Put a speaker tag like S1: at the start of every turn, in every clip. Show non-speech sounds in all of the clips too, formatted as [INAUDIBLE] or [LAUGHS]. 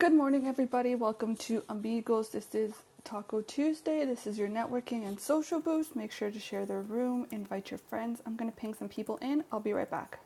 S1: Good morning, everybody. Welcome to Amigos. This is Taco Tuesday. This is your networking and social boost. Make sure to share the room, invite your friends. I'm going to ping some people in. I'll be right back.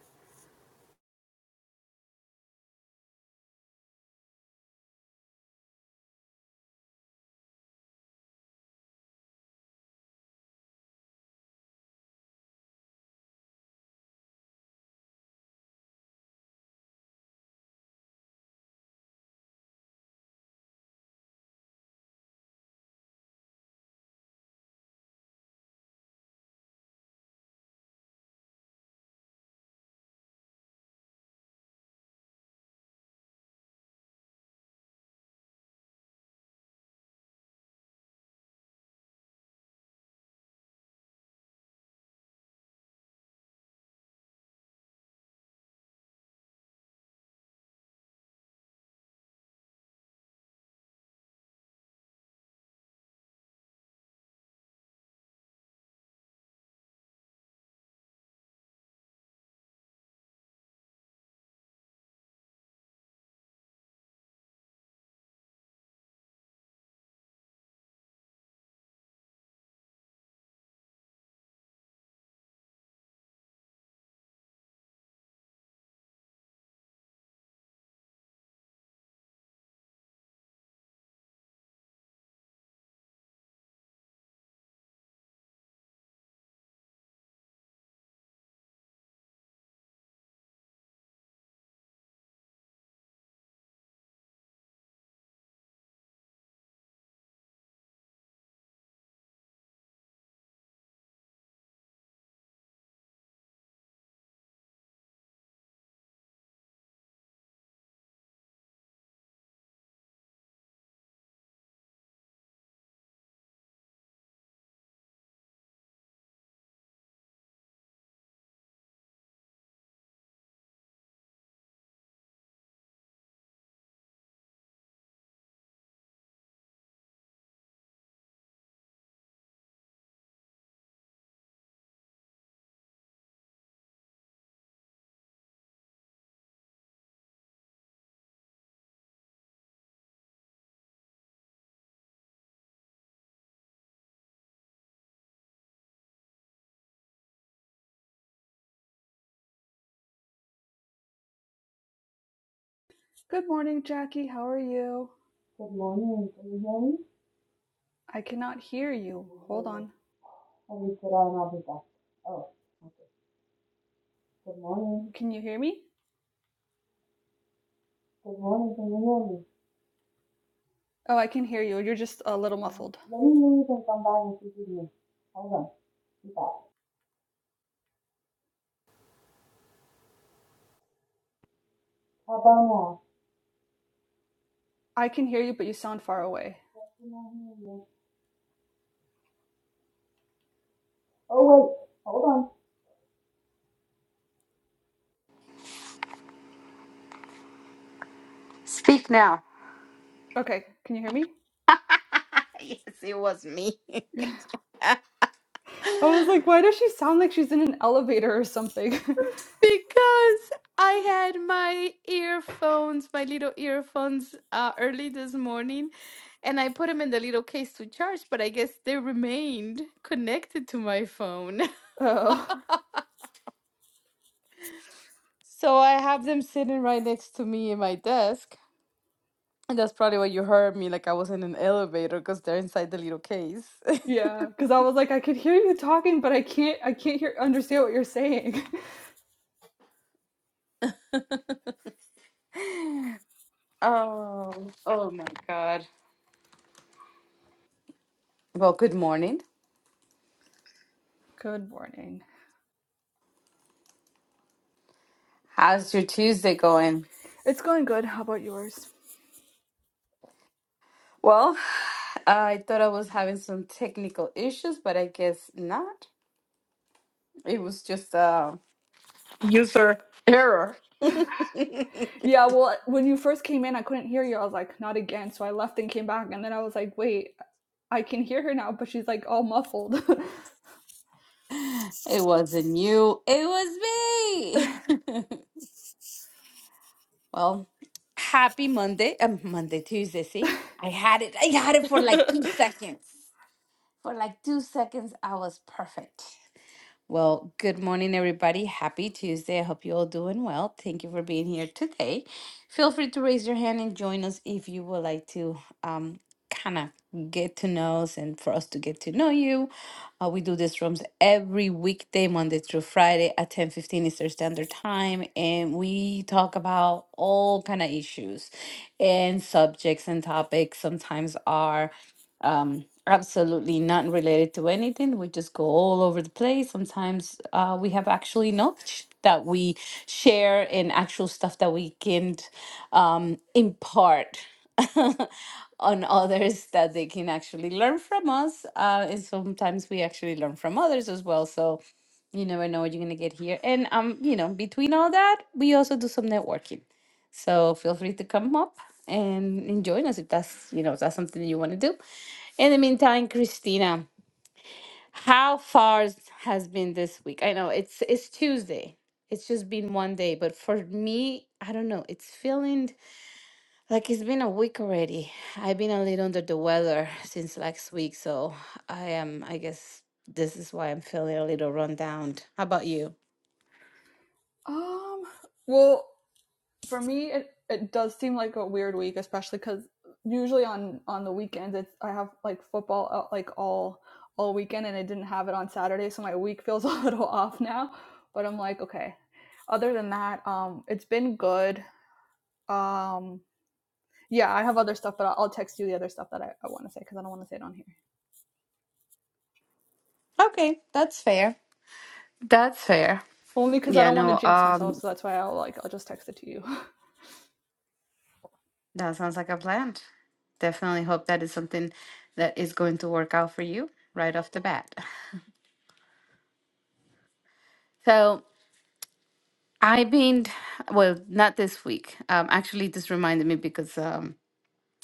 S1: Good morning, Jackie. How are you?
S2: Good morning. Can you hear me?
S1: I cannot hear you.
S2: Let
S1: Hold on.
S2: you sit down I'll be back. Oh, okay. Good morning.
S1: Can you hear me?
S2: Good morning. Can you hear
S1: Oh, I can hear you. You're just a little
S2: me? No.
S1: muffled.
S2: Let me leave and come back and see me. Hold on. Be back. How about now?
S1: I can hear you, but you sound far away.
S2: I cannot hear you. Oh, wait. Hold on. Speak now. [LAUGHS]
S1: Okay, can you hear me?
S2: Yes, it was me.
S1: [LAUGHS] I was like, why does she sound like she's in an elevator or something?
S2: Because I had my earphones, my little earphones, uh, early this morning, and I put them in the little case to charge, but I guess they remained connected to my phone. [LAUGHS]
S1: [LAUGHS] oh.
S2: So I have them sitting right next to me in my desk. And that's probably why you heard me like I was in an elevator because they're inside the little case.
S1: Yeah, because I was like, I could hear you talking, but I can't I can't hear understand what you're saying.
S2: [LAUGHS] Oh, oh my God. Well, good morning.
S1: [LAUGHS] good morning.
S2: How's your Tuesday going?
S1: It's going good. How about yours?
S2: Well, [SIGHS] I thought I was having some technical issues, but I guess not. It was just a user error. [LAUGHS]
S1: Yeah, well, when you first came in, I couldn't hear you. I was like, not again. So I left and came back, and then I was like, wait, I can hear her now, but she's like all muffled. [LAUGHS]
S2: It wasn't you, it was me. [LAUGHS] Well, happy Monday. Uh, Monday, Tuesday. See, I had it. I had it for
S1: [LAUGHS]
S2: like two seconds. For like two seconds, I was perfect. Well, good morning, everybody. Happy Tuesday. I hope you're all doing well. Thank you for being here today. Feel free to raise your hand and join us if you would like to um, kind of get to know us and for us to get to know you. Uh, we do these rooms every weekday, Monday through Friday at 10:15 Eastern Standard Time, and we talk about all kind of issues and subjects and topics. Sometimes are um, absolutely not related to anything. We just go all over the place. Sometimes uh, we have actually knowledge that we share and actual stuff that we can um, impart [LAUGHS] on others that they can actually learn from us. Uh, and sometimes we actually learn from others as well. So you never know what you're gonna get here. And um, you know, between all that, we also do some networking. So feel free to come up and, and join us if that's you know if that's something that you want to do. In the meantime, Christina, how far has been this week? I know it's it's Tuesday. It's just been one day, but for me, I don't know. It's feeling like it's been a week already. I've been a little under the weather since last week, so I am. I guess this is why I'm feeling a little run down. How about you?
S1: um, well, for me it, it does seem like a weird week especially because usually on on the weekends it's i have like football uh, like all all weekend and i didn't have it on saturday so my week [LAUGHS] feels a little off now but i'm like okay other than that um it's been good um yeah i have other stuff but i'll, I'll text you the other stuff that i, I want to say because i don't want to say it on here
S2: Okay, that's fair. That's fair.
S1: only because i
S2: Yeah,
S1: don't want to
S2: no.
S1: jinx myself
S2: Um,
S1: so that's why i'll like i'll just text it to you
S2: that sounds like a plan. Definitely hope that is something that is going to work out for you right off the bat. So I've been, well, not this week. Um, actually, this reminded me because um,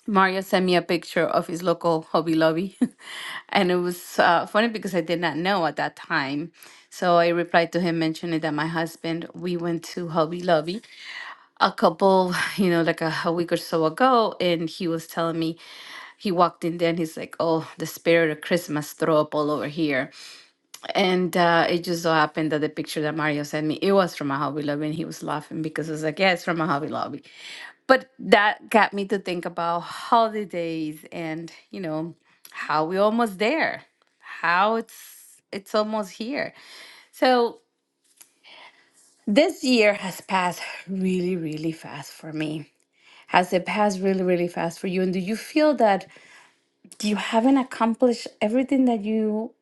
S2: Mario sent me a picture of his local Hobby Lobby. [LAUGHS] and it was uh, funny because I did not know at that time. So I replied to him mentioning that my husband, we went to Hobby Lobby a couple, [SIGHS] you know, like a, a week or so ago. And he was telling me, he walked in there and he's like, oh, the spirit of Christmas throw up all over here. And uh, it just so happened that the picture that Mario sent me, it was from a Hobby Lobby, and he was laughing because it was like, yeah, it's from a Hobby Lobby. But that got me to think about holidays and, you know, how we're almost there, how it's it's almost here. So this year has passed really, really fast for me. Has it passed really, really fast for you? And do you feel that you haven't accomplished everything that you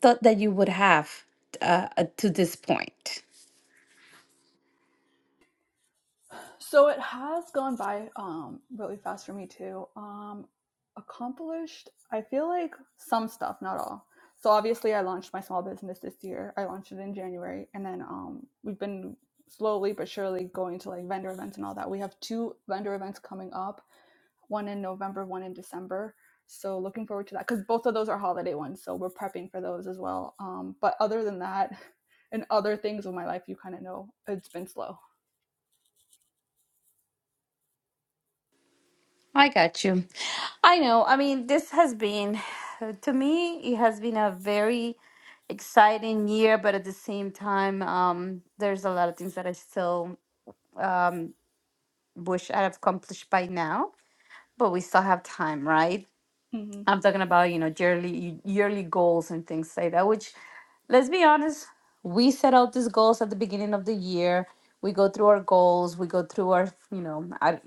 S2: thought that you would have uh, to this point?
S1: So it has gone by um, really fast for me too. Um, accomplished, I feel like some stuff, not all. So obviously, I launched my small business this year. I launched it in January, and then um, we've been slowly but surely going to like vendor events and all that. We have two vendor events coming up, one in November, one in December. So looking forward to that because both of those are holiday ones. So we're prepping for those as well. Um, but other than that, [LAUGHS] and other things in my life, you kind of know it's been slow.
S2: I got you. I know. I mean, this has been, to me, it has been a very exciting year, but at the same time, um, there's a lot of things that I still um, wish I'd have accomplished by now, but we still have time, right?
S1: hmm
S2: I'm talking about, you know, yearly yearly goals and things like that, which let's be honest, we set out these goals at the beginning of the year. We go through our goals, we go through our, you know,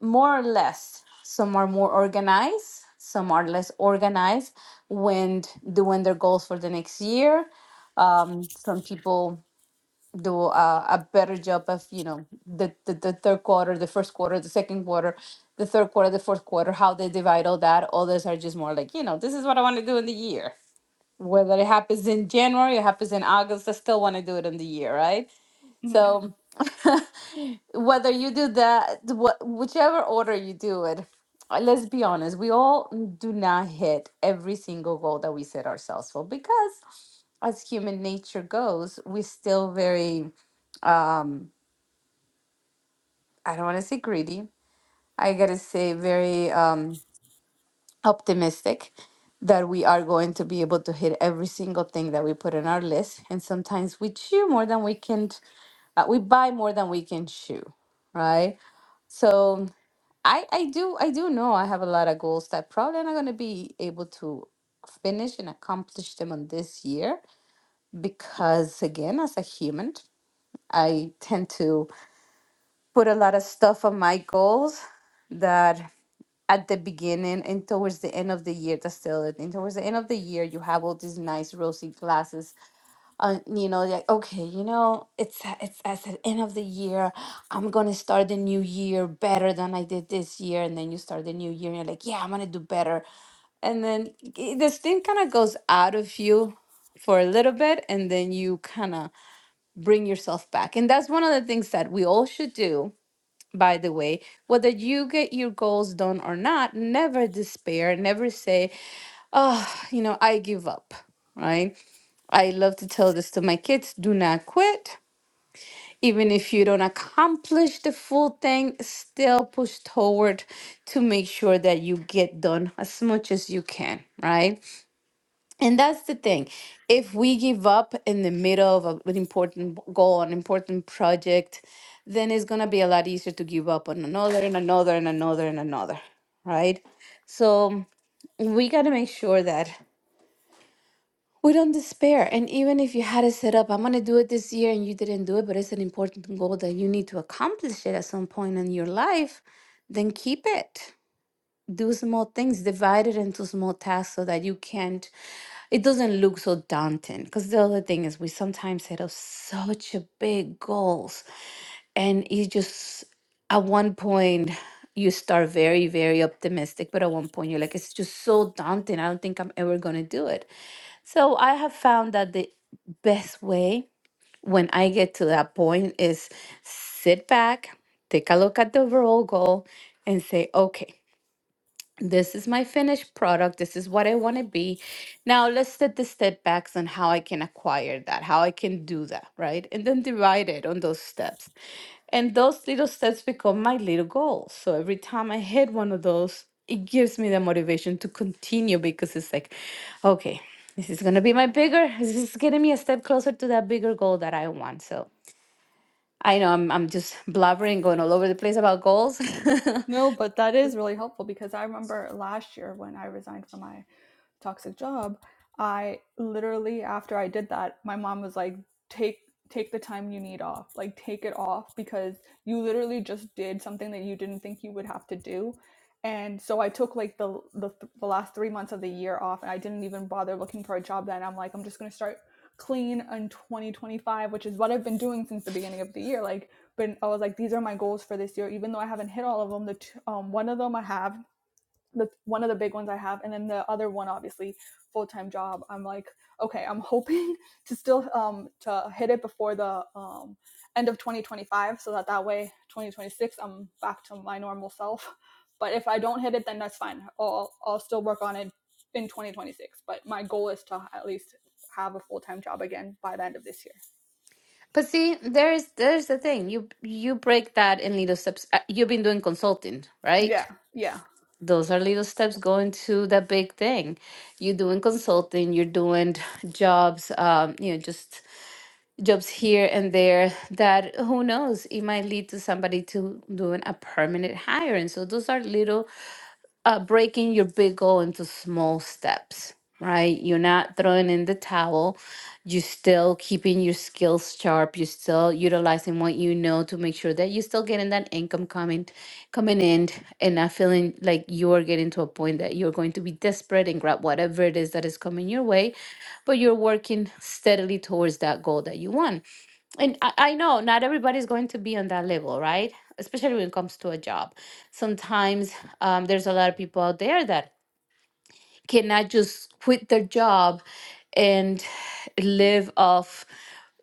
S2: more or less. Some are more organized, some are less organized when doing their goals for the next year. Um, some people do a, a better job of, you know, the, the, the third quarter, the first quarter, the second quarter, the third quarter, the fourth quarter, how they divide all that. Others are just more like, you know, this is what I want to do in the year. Whether it happens in January or happens in August, I still want to do it in the year, right? So [LAUGHS] whether you do that, wh- whichever order you do it, uh, let's be honest, we all do not hit every single goal that we set ourselves for because as human nature goes, we're still very, um, I don't want to say greedy. I gotta say very um, optimistic that we are going to be able to hit every single thing that we put on our list. And sometimes we chew more than we can, uh, we buy more than we can chew right? So I I do I do know I have a lot of goals that probably I'm not going to be able to finish and accomplish them on this year because again as a human I tend to put a lot of stuff on my goals that at the beginning and towards the end of the year that's still it and towards the end of the year you have all these nice rosy glasses uh, you know, like okay, you know, it's a- it's at the end of the year. I'm gonna start the new year better than I did this year, and then you start the new year, and you're like, yeah, I'm gonna do better, and then i- this thing kind of goes out of you for a little bit, and then you kind of bring yourself back, and that's one of the things that we all should do. By the way, whether you get your goals done or not, never despair, never say, oh, you know, I give up, right? I love to tell this to my kids do not quit. Even if you don't accomplish the full thing, still push toward to make sure that you get done as much as you can, right? And that's the thing. If we give up in the middle of a- an important goal, an important project, then it's going to be a lot easier to give up on another and another and another and another, right? So we got to make sure that We don't despair. And even if you had it set up, I'm going to do it this year and you didn't do it, but it's an important goal that you need to accomplish it at some point in your life, then keep it. Do small things, divide it into small tasks so that you can't, it doesn't look so daunting. Because the other thing is, we sometimes set up such a big goals and you just, at one point, you start very, very optimistic, but at one point you're like, it's just so daunting. I don't think I'm ever going to do it so I have found that the best way when I get to that point is sit back, take a look at the overall goal, and say, okay, this is my finished product. This is what I want to be. Now let's set the step backs on how I can acquire that, how I can do that, right? And then divide it on those steps. And those little steps become my little goals. So every time I hit one of those, it gives me the motivation to continue because it's like, okay, this is gonna be my bigger, this is getting me a step closer to that bigger goal that I want. So I know I'm I'm just blabbering, going all over the place about goals.
S1: No, but that is really helpful because I remember last year when I resigned from my toxic job i literally after i did that my mom was like take take the time you need off like take it off because you literally just did something that you didn't think you would have to do and so i took like the the, the last three months of the year off and i didn't even bother looking for a job then i'm like i'm just going to start clean in 2025 which is what i've been doing since the beginning of the year like but I was like, these are my goals for this year. Even though I haven't hit all of them, the t- um, one of them I have the one of the big ones I have, and then the other one, obviously, full time job. I'm like, okay, I'm [LAUGHS] hoping to still um to hit it before the um end of 2025, so that that way 2026 I'm back to my normal self. But if I don't hit it, then that's fine. I'll I'll still work on it in 2026. But my goal is to at least have a full time job again by the end of this year.
S2: [LAUGHS] but see, there's there's the thing. You you break that in little steps. Uh, You've been doing consulting, right?
S1: Yeah, yeah.
S2: those are little steps going to the big thing. You're doing consulting, you're doing [LAUGHS] jobs, um, you know, just jobs here and there that who knows, it might lead to somebody to doing a permanent hire. And so those are little uh, breaking your big goal into small steps, right? You're not throwing in the towel. You're still keeping your skills sharp. You're still utilizing what you know to make sure that you're still getting that income coming, coming in, and not feeling like you are getting to a point that you're going to be desperate and grab whatever it is that is coming your way. But you're working steadily towards that goal that you want. And I, I know not everybody's going to be on that level, right? Especially when it comes to a job. Sometimes um, there's a lot of people out there that cannot just quit their job and live off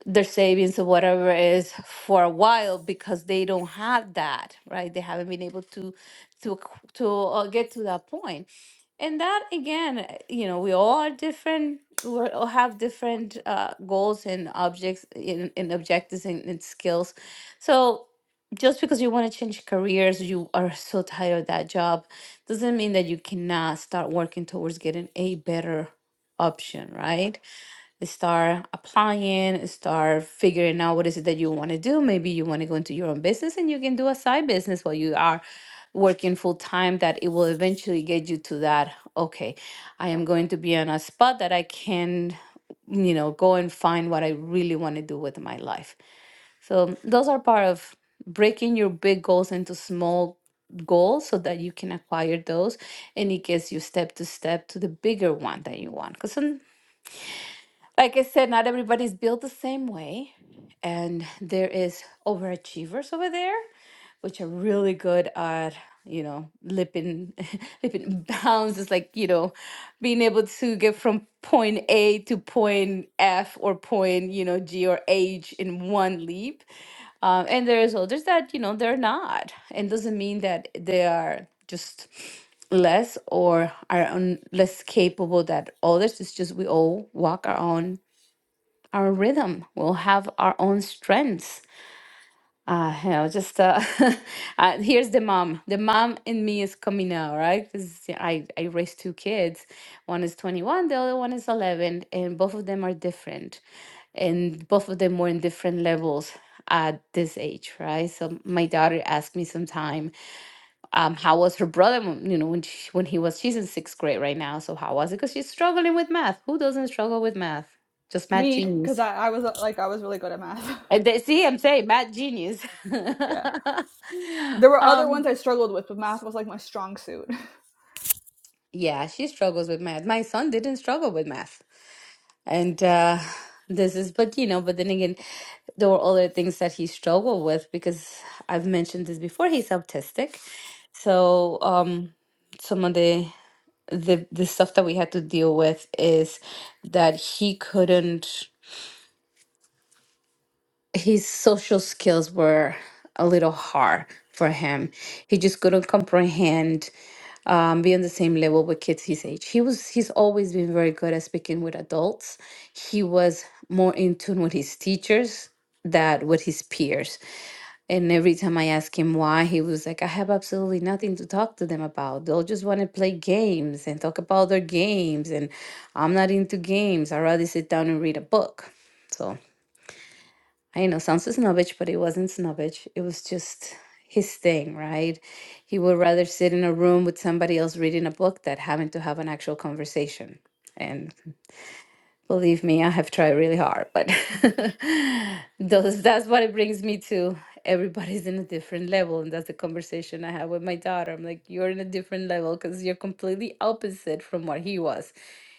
S2: their savings or whatever it is for a while because they don't have that right they haven't been able to to ac- to uh, get to that point and that again uh, you know we all are different we all have different uh, goals and objects in, in objectives and, and skills so just because you want to change careers you are so tired of that job doesn't mean that you cannot start working towards getting a better option, right? Start applying, start figuring out what is it that you want to do. Maybe you want to go into your own business and you can do a side business while you are working full time that it will eventually get you to that, okay, I am going to be on a spot that I can, you know, go and find what I really want to do with my life so those are part of breaking your big goals into small goals so that you can acquire those and it gets you step to step to the bigger one that you want. Because, like I said, not everybody's built the same way. And there is overachievers over there which are really good at you know lipping [LAUGHS] lipping bounds It's like you know being able to get from point a to point f or point you know g or h in one leap um, and there's others that you know they're not and doesn't mean that they are just less or are un- less capable than others it's just we all walk our own our rhythm we'll have our own strengths uh, you know, just uh, [LAUGHS] uh, here's the mom. The mom in me is coming out, right? Because I, I raised two kids. One is 21, the other one is 11, and both of them are different. And both of them were in different levels at this age, right? So my daughter asked me sometime, um, how was her brother, when- you know, when she, when he was, she's in sixth grade right now. So how was it? Because she's struggling with math. Who doesn't struggle with math? Just math
S1: Me,
S2: genius.
S1: because I, I was uh, like I was really good at math.
S2: And they, see, I'm saying math genius.
S1: [LAUGHS] yeah. There
S2: [LAUGHS]
S1: were other
S2: um,
S1: ones I struggled with, but math was like my strong suit.
S2: yeah, she struggles with math. My son didn't struggle with math, and uh, this is, but you know, but then again, there were other things that he struggled with because I've mentioned this before. He's autistic, so um, some of the the the stuff that we had to deal with is that he couldn't. His social skills were a little hard for him. He just couldn't comprehend um, be on the same level with kids his age. He was he's always been very good at speaking with adults. He was more in tune with his teachers than with his peers. And every time I asked him why, he was like, I have absolutely nothing to talk to them about. They'll just want to play games and talk about their games. And I'm not into games. I'd rather sit down and read a book. So I know sounds so snobbish, but it wasn't snobbish. It was just his thing, right? He would rather sit in a room with somebody else reading a book than having to have an actual conversation. And Believe me, I have tried really hard, but [LAUGHS] those, that's what it brings me to. Everybody's in a different level, and that's the conversation I have with my daughter. I'm like, you're in a different level because you're completely opposite from what he was.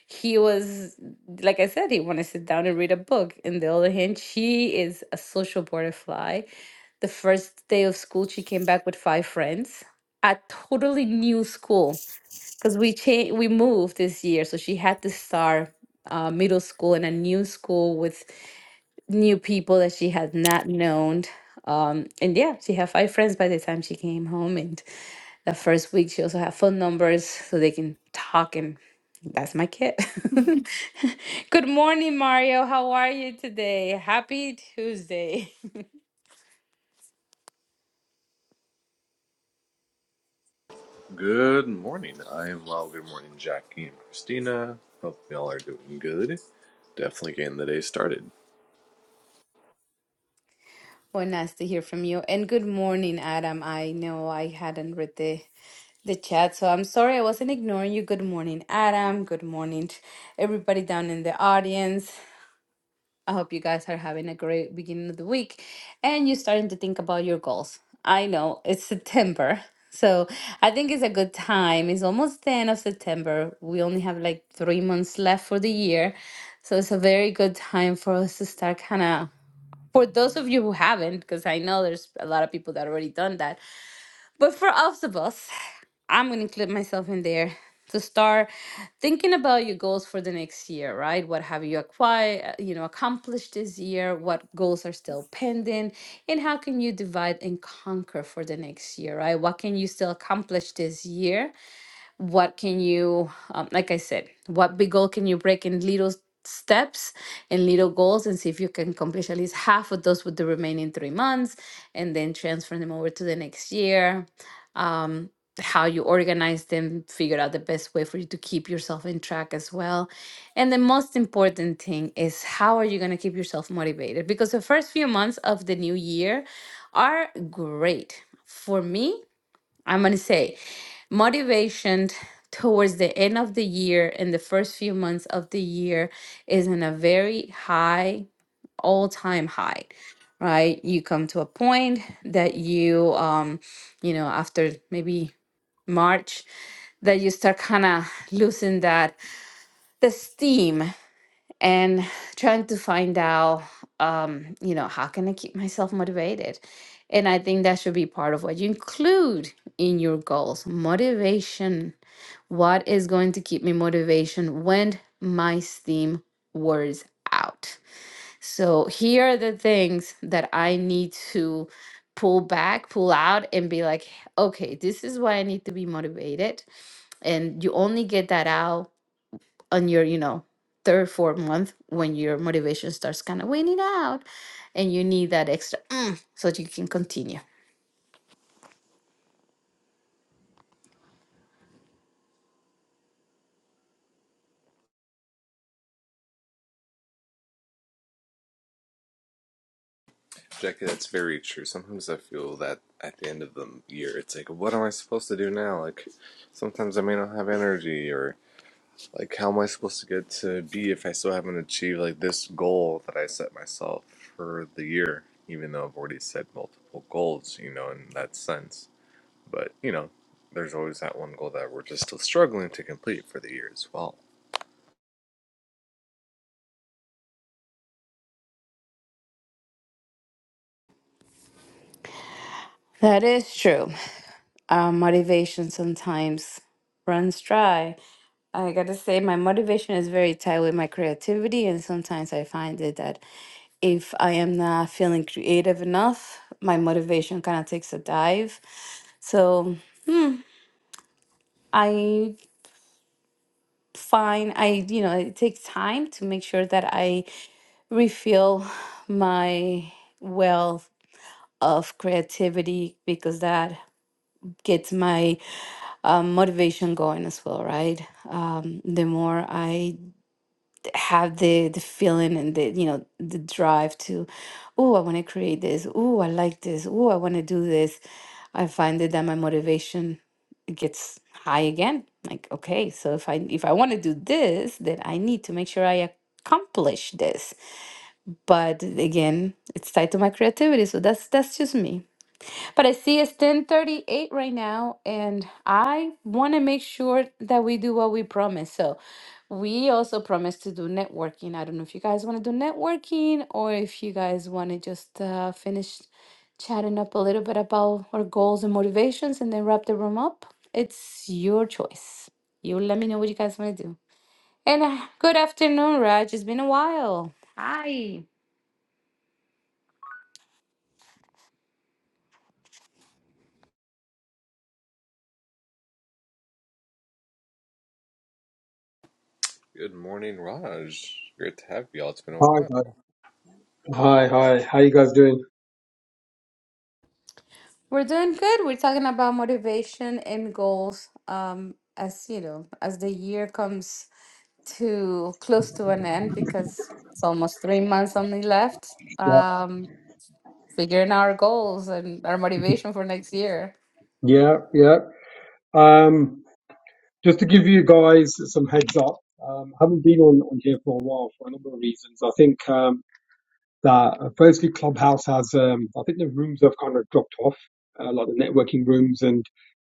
S2: He was, like I said, he wanted to sit down and read a book. On the other hand, she is a social butterfly. The first day of school, she came back with five friends, a totally new school because we changed we moved this year so she had to start uh, middle school in a new school with new people that she had not known um, and yeah she had five friends by the time she came home and the first week she also had phone numbers so they can talk and that's my kid [LAUGHS] good morning mario how are you today happy tuesday
S3: Good morning. I am well. Good morning, Jackie and Christina. Hope y'all are doing good. Definitely getting the day started.
S2: [LAUGHS] well nice to hear from you and good morning adam i know i hadn't read the the chat. So I'm sorry I wasn't ignoring you. Good morning, Adam. Good morning, t- everybody down in the audience. I hope you guys are having a great beginning of the week and you're starting to think about your goals. I know it's September. So I think it's a good time. It's almost the end of September. We only have like three months left for the year. So it's a very good time for us to start kind of, for those of you who haven't, because I know there's a lot of people that already done that, but for all of us, I'm going to include myself in there to start thinking about your goals for the next year, right? What have you acquired, you know, accomplished this year? What goals are still pending? And how can you divide and conquer for the next year, right? What can you still accomplish this year? what can you um, like i said what big goal can you break in little steps and little goals and see if you can accomplish at least half of those with the remaining three months and then transfer them over to the next year um, how you organize them figure out the best way for you to keep yourself in track as well and the most important thing is how are you going to keep yourself motivated because the first few months of the new year are great for me I'm going to say motivation towards the end of the year and the first few months of the year is in a very high, all time high, right? You come to a point that you, um, you know, after maybe March, that you start kind of losing that the steam and trying to find out um you know how can i keep myself motivated and i think that should be part of what you include in your goals motivation what is going to keep me motivation when my steam wears out so here are the things that i need to pull back pull out and be like okay this is why i need to be motivated and you only get that out on your, you know, third, fourth month when your motivation starts kind of waning out and you need that extra "mm" so that you can continue.
S3: Jackie, that's very true. Sometimes I feel that at the end of the year, it's like, what am I supposed to do now? Like, sometimes I may not have energy, or like, how am I supposed to get to be if I still haven't achieved like this goal that I set myself for the year? Even though I've already set multiple goals, you know, in that sense But, you know, there's always that one goal that we're just still struggling to complete for the year as well.
S2: That is true. Our motivation sometimes runs dry. I gotta say, my motivation is very tied with my creativity, and sometimes I find it that if I am not feeling creative enough, my motivation kind of takes a dive. So, hmm, I find I, you know, it takes time to make sure that I refill my well of creativity because that gets my um, motivation going as well right um, the more i d- have the the feeling and the you know the drive to oh i want to create this oh i like this oh i want to do this i find that, that my motivation gets high again like okay so if i if i want to do this then i need to make sure i accomplish this but again it's tied to my creativity so that's that's just me but i see it's 1038 right now and i want to make sure that we do what we promise so we also promised to do networking i don't know if you guys want to do networking or if you guys want to just uh, finish chatting up a little bit about our goals and motivations and then wrap the room up it's your choice you let me know what you guys want to do and uh, good afternoon raj it's been a while
S3: Good morning, Raj. Great to have you all. It's been a
S4: Hi,
S3: while.
S4: guys. Hi, hi. How you guys doing?
S2: We're doing good. We're talking about motivation and goals. Um, as you know, as the year comes to close to an end, because it's almost three months only left.
S4: Yeah,
S2: Um, figuring our goals and our motivation for next year.
S4: yeah, yeah. Um, just to give you guys some heads up, um, I haven't been on, on here for a while for a number of reasons. I think um, that uh, firstly, Clubhouse has, um, I think the rooms have kind of dropped off, uh, like the networking rooms, and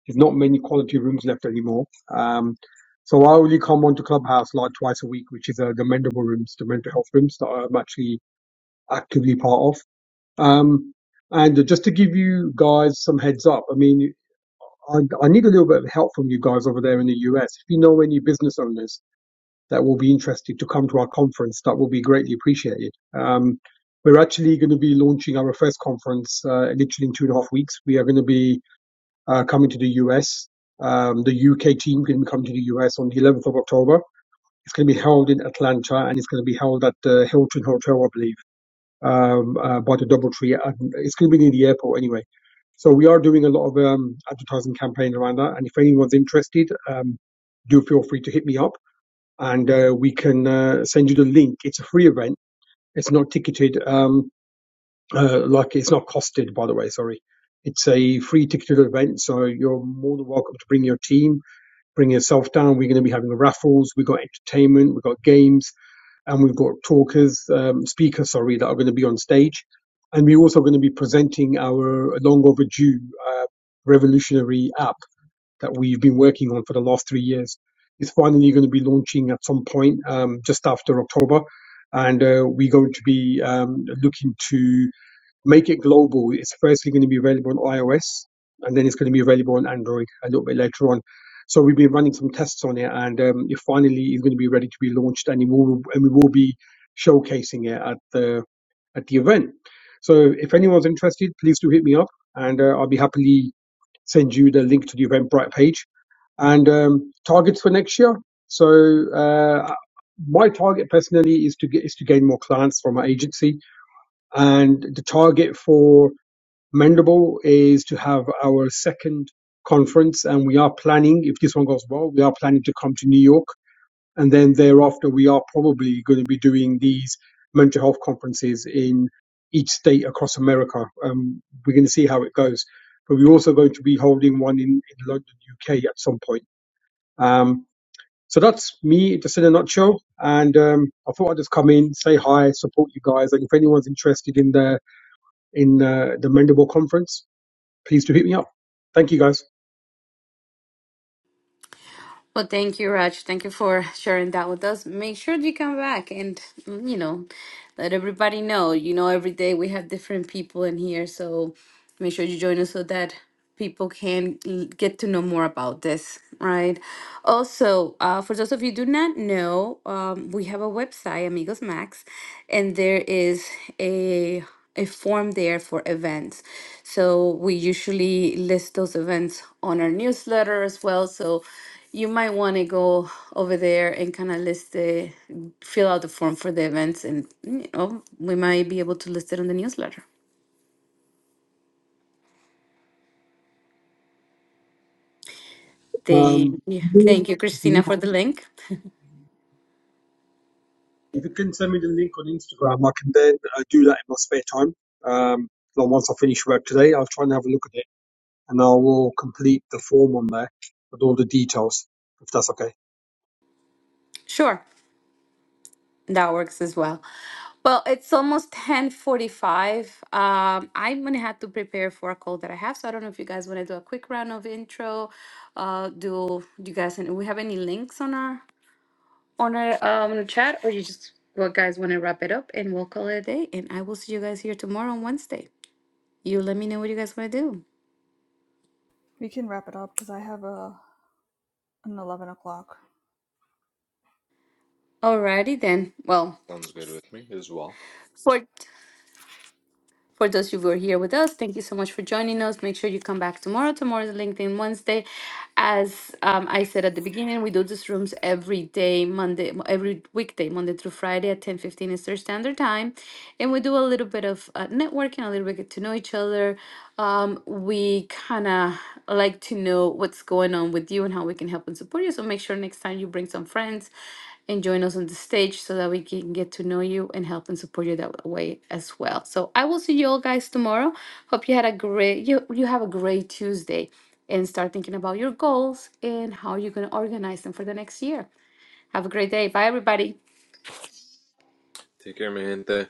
S4: there's not many quality rooms left anymore. Um, so I only come onto Clubhouse like twice a week, which is uh, the mendable rooms, the mental health rooms that I'm actually actively part of. Um, and just to give you guys some heads up, I mean, I, I need a little bit of help from you guys over there in the US. If you know any business owners that will be interested to come to our conference, that will be greatly appreciated. Um, we're actually going to be launching our first conference uh, literally in two and a half weeks. We are going to be uh, coming to the US. Um, the UK team is going to be coming to the US on the 11th of October. It's going to be held in Atlanta and it's going to be held at the Hilton Hotel, I believe um, uh, by the DoubleTree. it's going to be near the airport anyway. So we are doing a lot of um, advertising campaign around that. And if anyone's interested, um, do feel free to hit me up, and uh, we can uh, send you the link. It's a free event. It's not ticketed. Um, uh, like it's not costed, by the way. Sorry, it's a free ticketed event. So you're more than welcome to bring your team, bring yourself down. We're going to be having raffles. We've got entertainment. We've got games and we've got talkers, um, speakers, sorry, that are going to be on stage. And we're also going to be presenting our long overdue uh, revolutionary app that we've been working on for the last three years. It's finally going to be launching at some point um, just after October. And uh, we're going to be um, looking to Make it global. It's firstly going to be available on iOS, and then it's going to be available on Android a little bit later on. So we've been running some tests on it, and um, it finally is going to be ready to be launched, and it will, and we will be showcasing it at the at the event. So if anyone's interested, please do hit me up, and uh, I'll be happily send you the link to the Eventbrite page and um, targets for next year. So uh, my target personally is to get is to gain more clients from my agency and the target for Mendable is to have our second conference, and we are planning, if this one goes well, we are planning to come to New York, and then thereafter we are probably going to be doing these mental health conferences in each state across America. Um, we're going to see how it goes, but we're also going to be holding one in, in London, UK, at some point. Um, so that's me, just in a nutshell. And um, I thought I'd just come in, say hi, support you guys, and if anyone's interested in the in uh, the Mendable Conference, please do hit me up. Thank you, guys.
S2: Well, thank you, Raj. Thank you for [LAUGHS] sharing that with us. Make sure that you come back and, you know, let everybody know. You know, every day we have different people in here. So make sure you join us so that people can l- get to know more about this, right? Also, uh, for those of you who do not know, um, we have a website, Amigos Max, and there is a form there for events. So we usually list those events on our newsletter as well. So you might want to go over there and kind of list the fill out the form for the events, and you know we might be able to list it on the newsletter.
S4: Um,
S2: Thank you,
S4: if
S2: thank you, Christina,
S4: you
S2: for the link.
S4: can send me the link on Instagram, I can then uh, do that in my spare time. Um, like once I finish work today, I'll try and have a look at it, and I will complete the form on there with all the details, if that's okay.
S2: Sure. That works as well. Well, it's almost 10:45. Um, I'm gonna have to prepare for a call that I have, so I don't know if you guys want to do a quick round of intro. Uh, do, do you guys do we have any links on our on our um chat, or you just well, guys want to wrap it up and we'll call it a day? And I will see you guys here tomorrow on Wednesday. You let me know what you guys want to do.
S1: We can wrap it up because I have a an eleven o'clock.
S2: Alrighty then. Well,
S3: Sounds good with me as well.
S2: for For those who were here with us, thank you so much for joining us. Make sure you come back tomorrow. Tomorrow is LinkedIn Wednesday. As um, I said at the beginning, we do these rooms every day, Monday, every weekday, Monday through Friday at 10:15 Eastern Standard Time, and we do a little bit of uh, networking, a little bit get to know each other. Um, we kind of like to know what's going on with you and how we can help and support you. So make sure next time you bring some friends and join us on the stage so that we can get to know you and help and support you that way as well. So I will see you all guys tomorrow. Hope you had a great you you have a great Tuesday and start thinking about your goals and how you're going to organize them for the next year. Have a great day. Bye everybody.
S3: Take care, mi gente.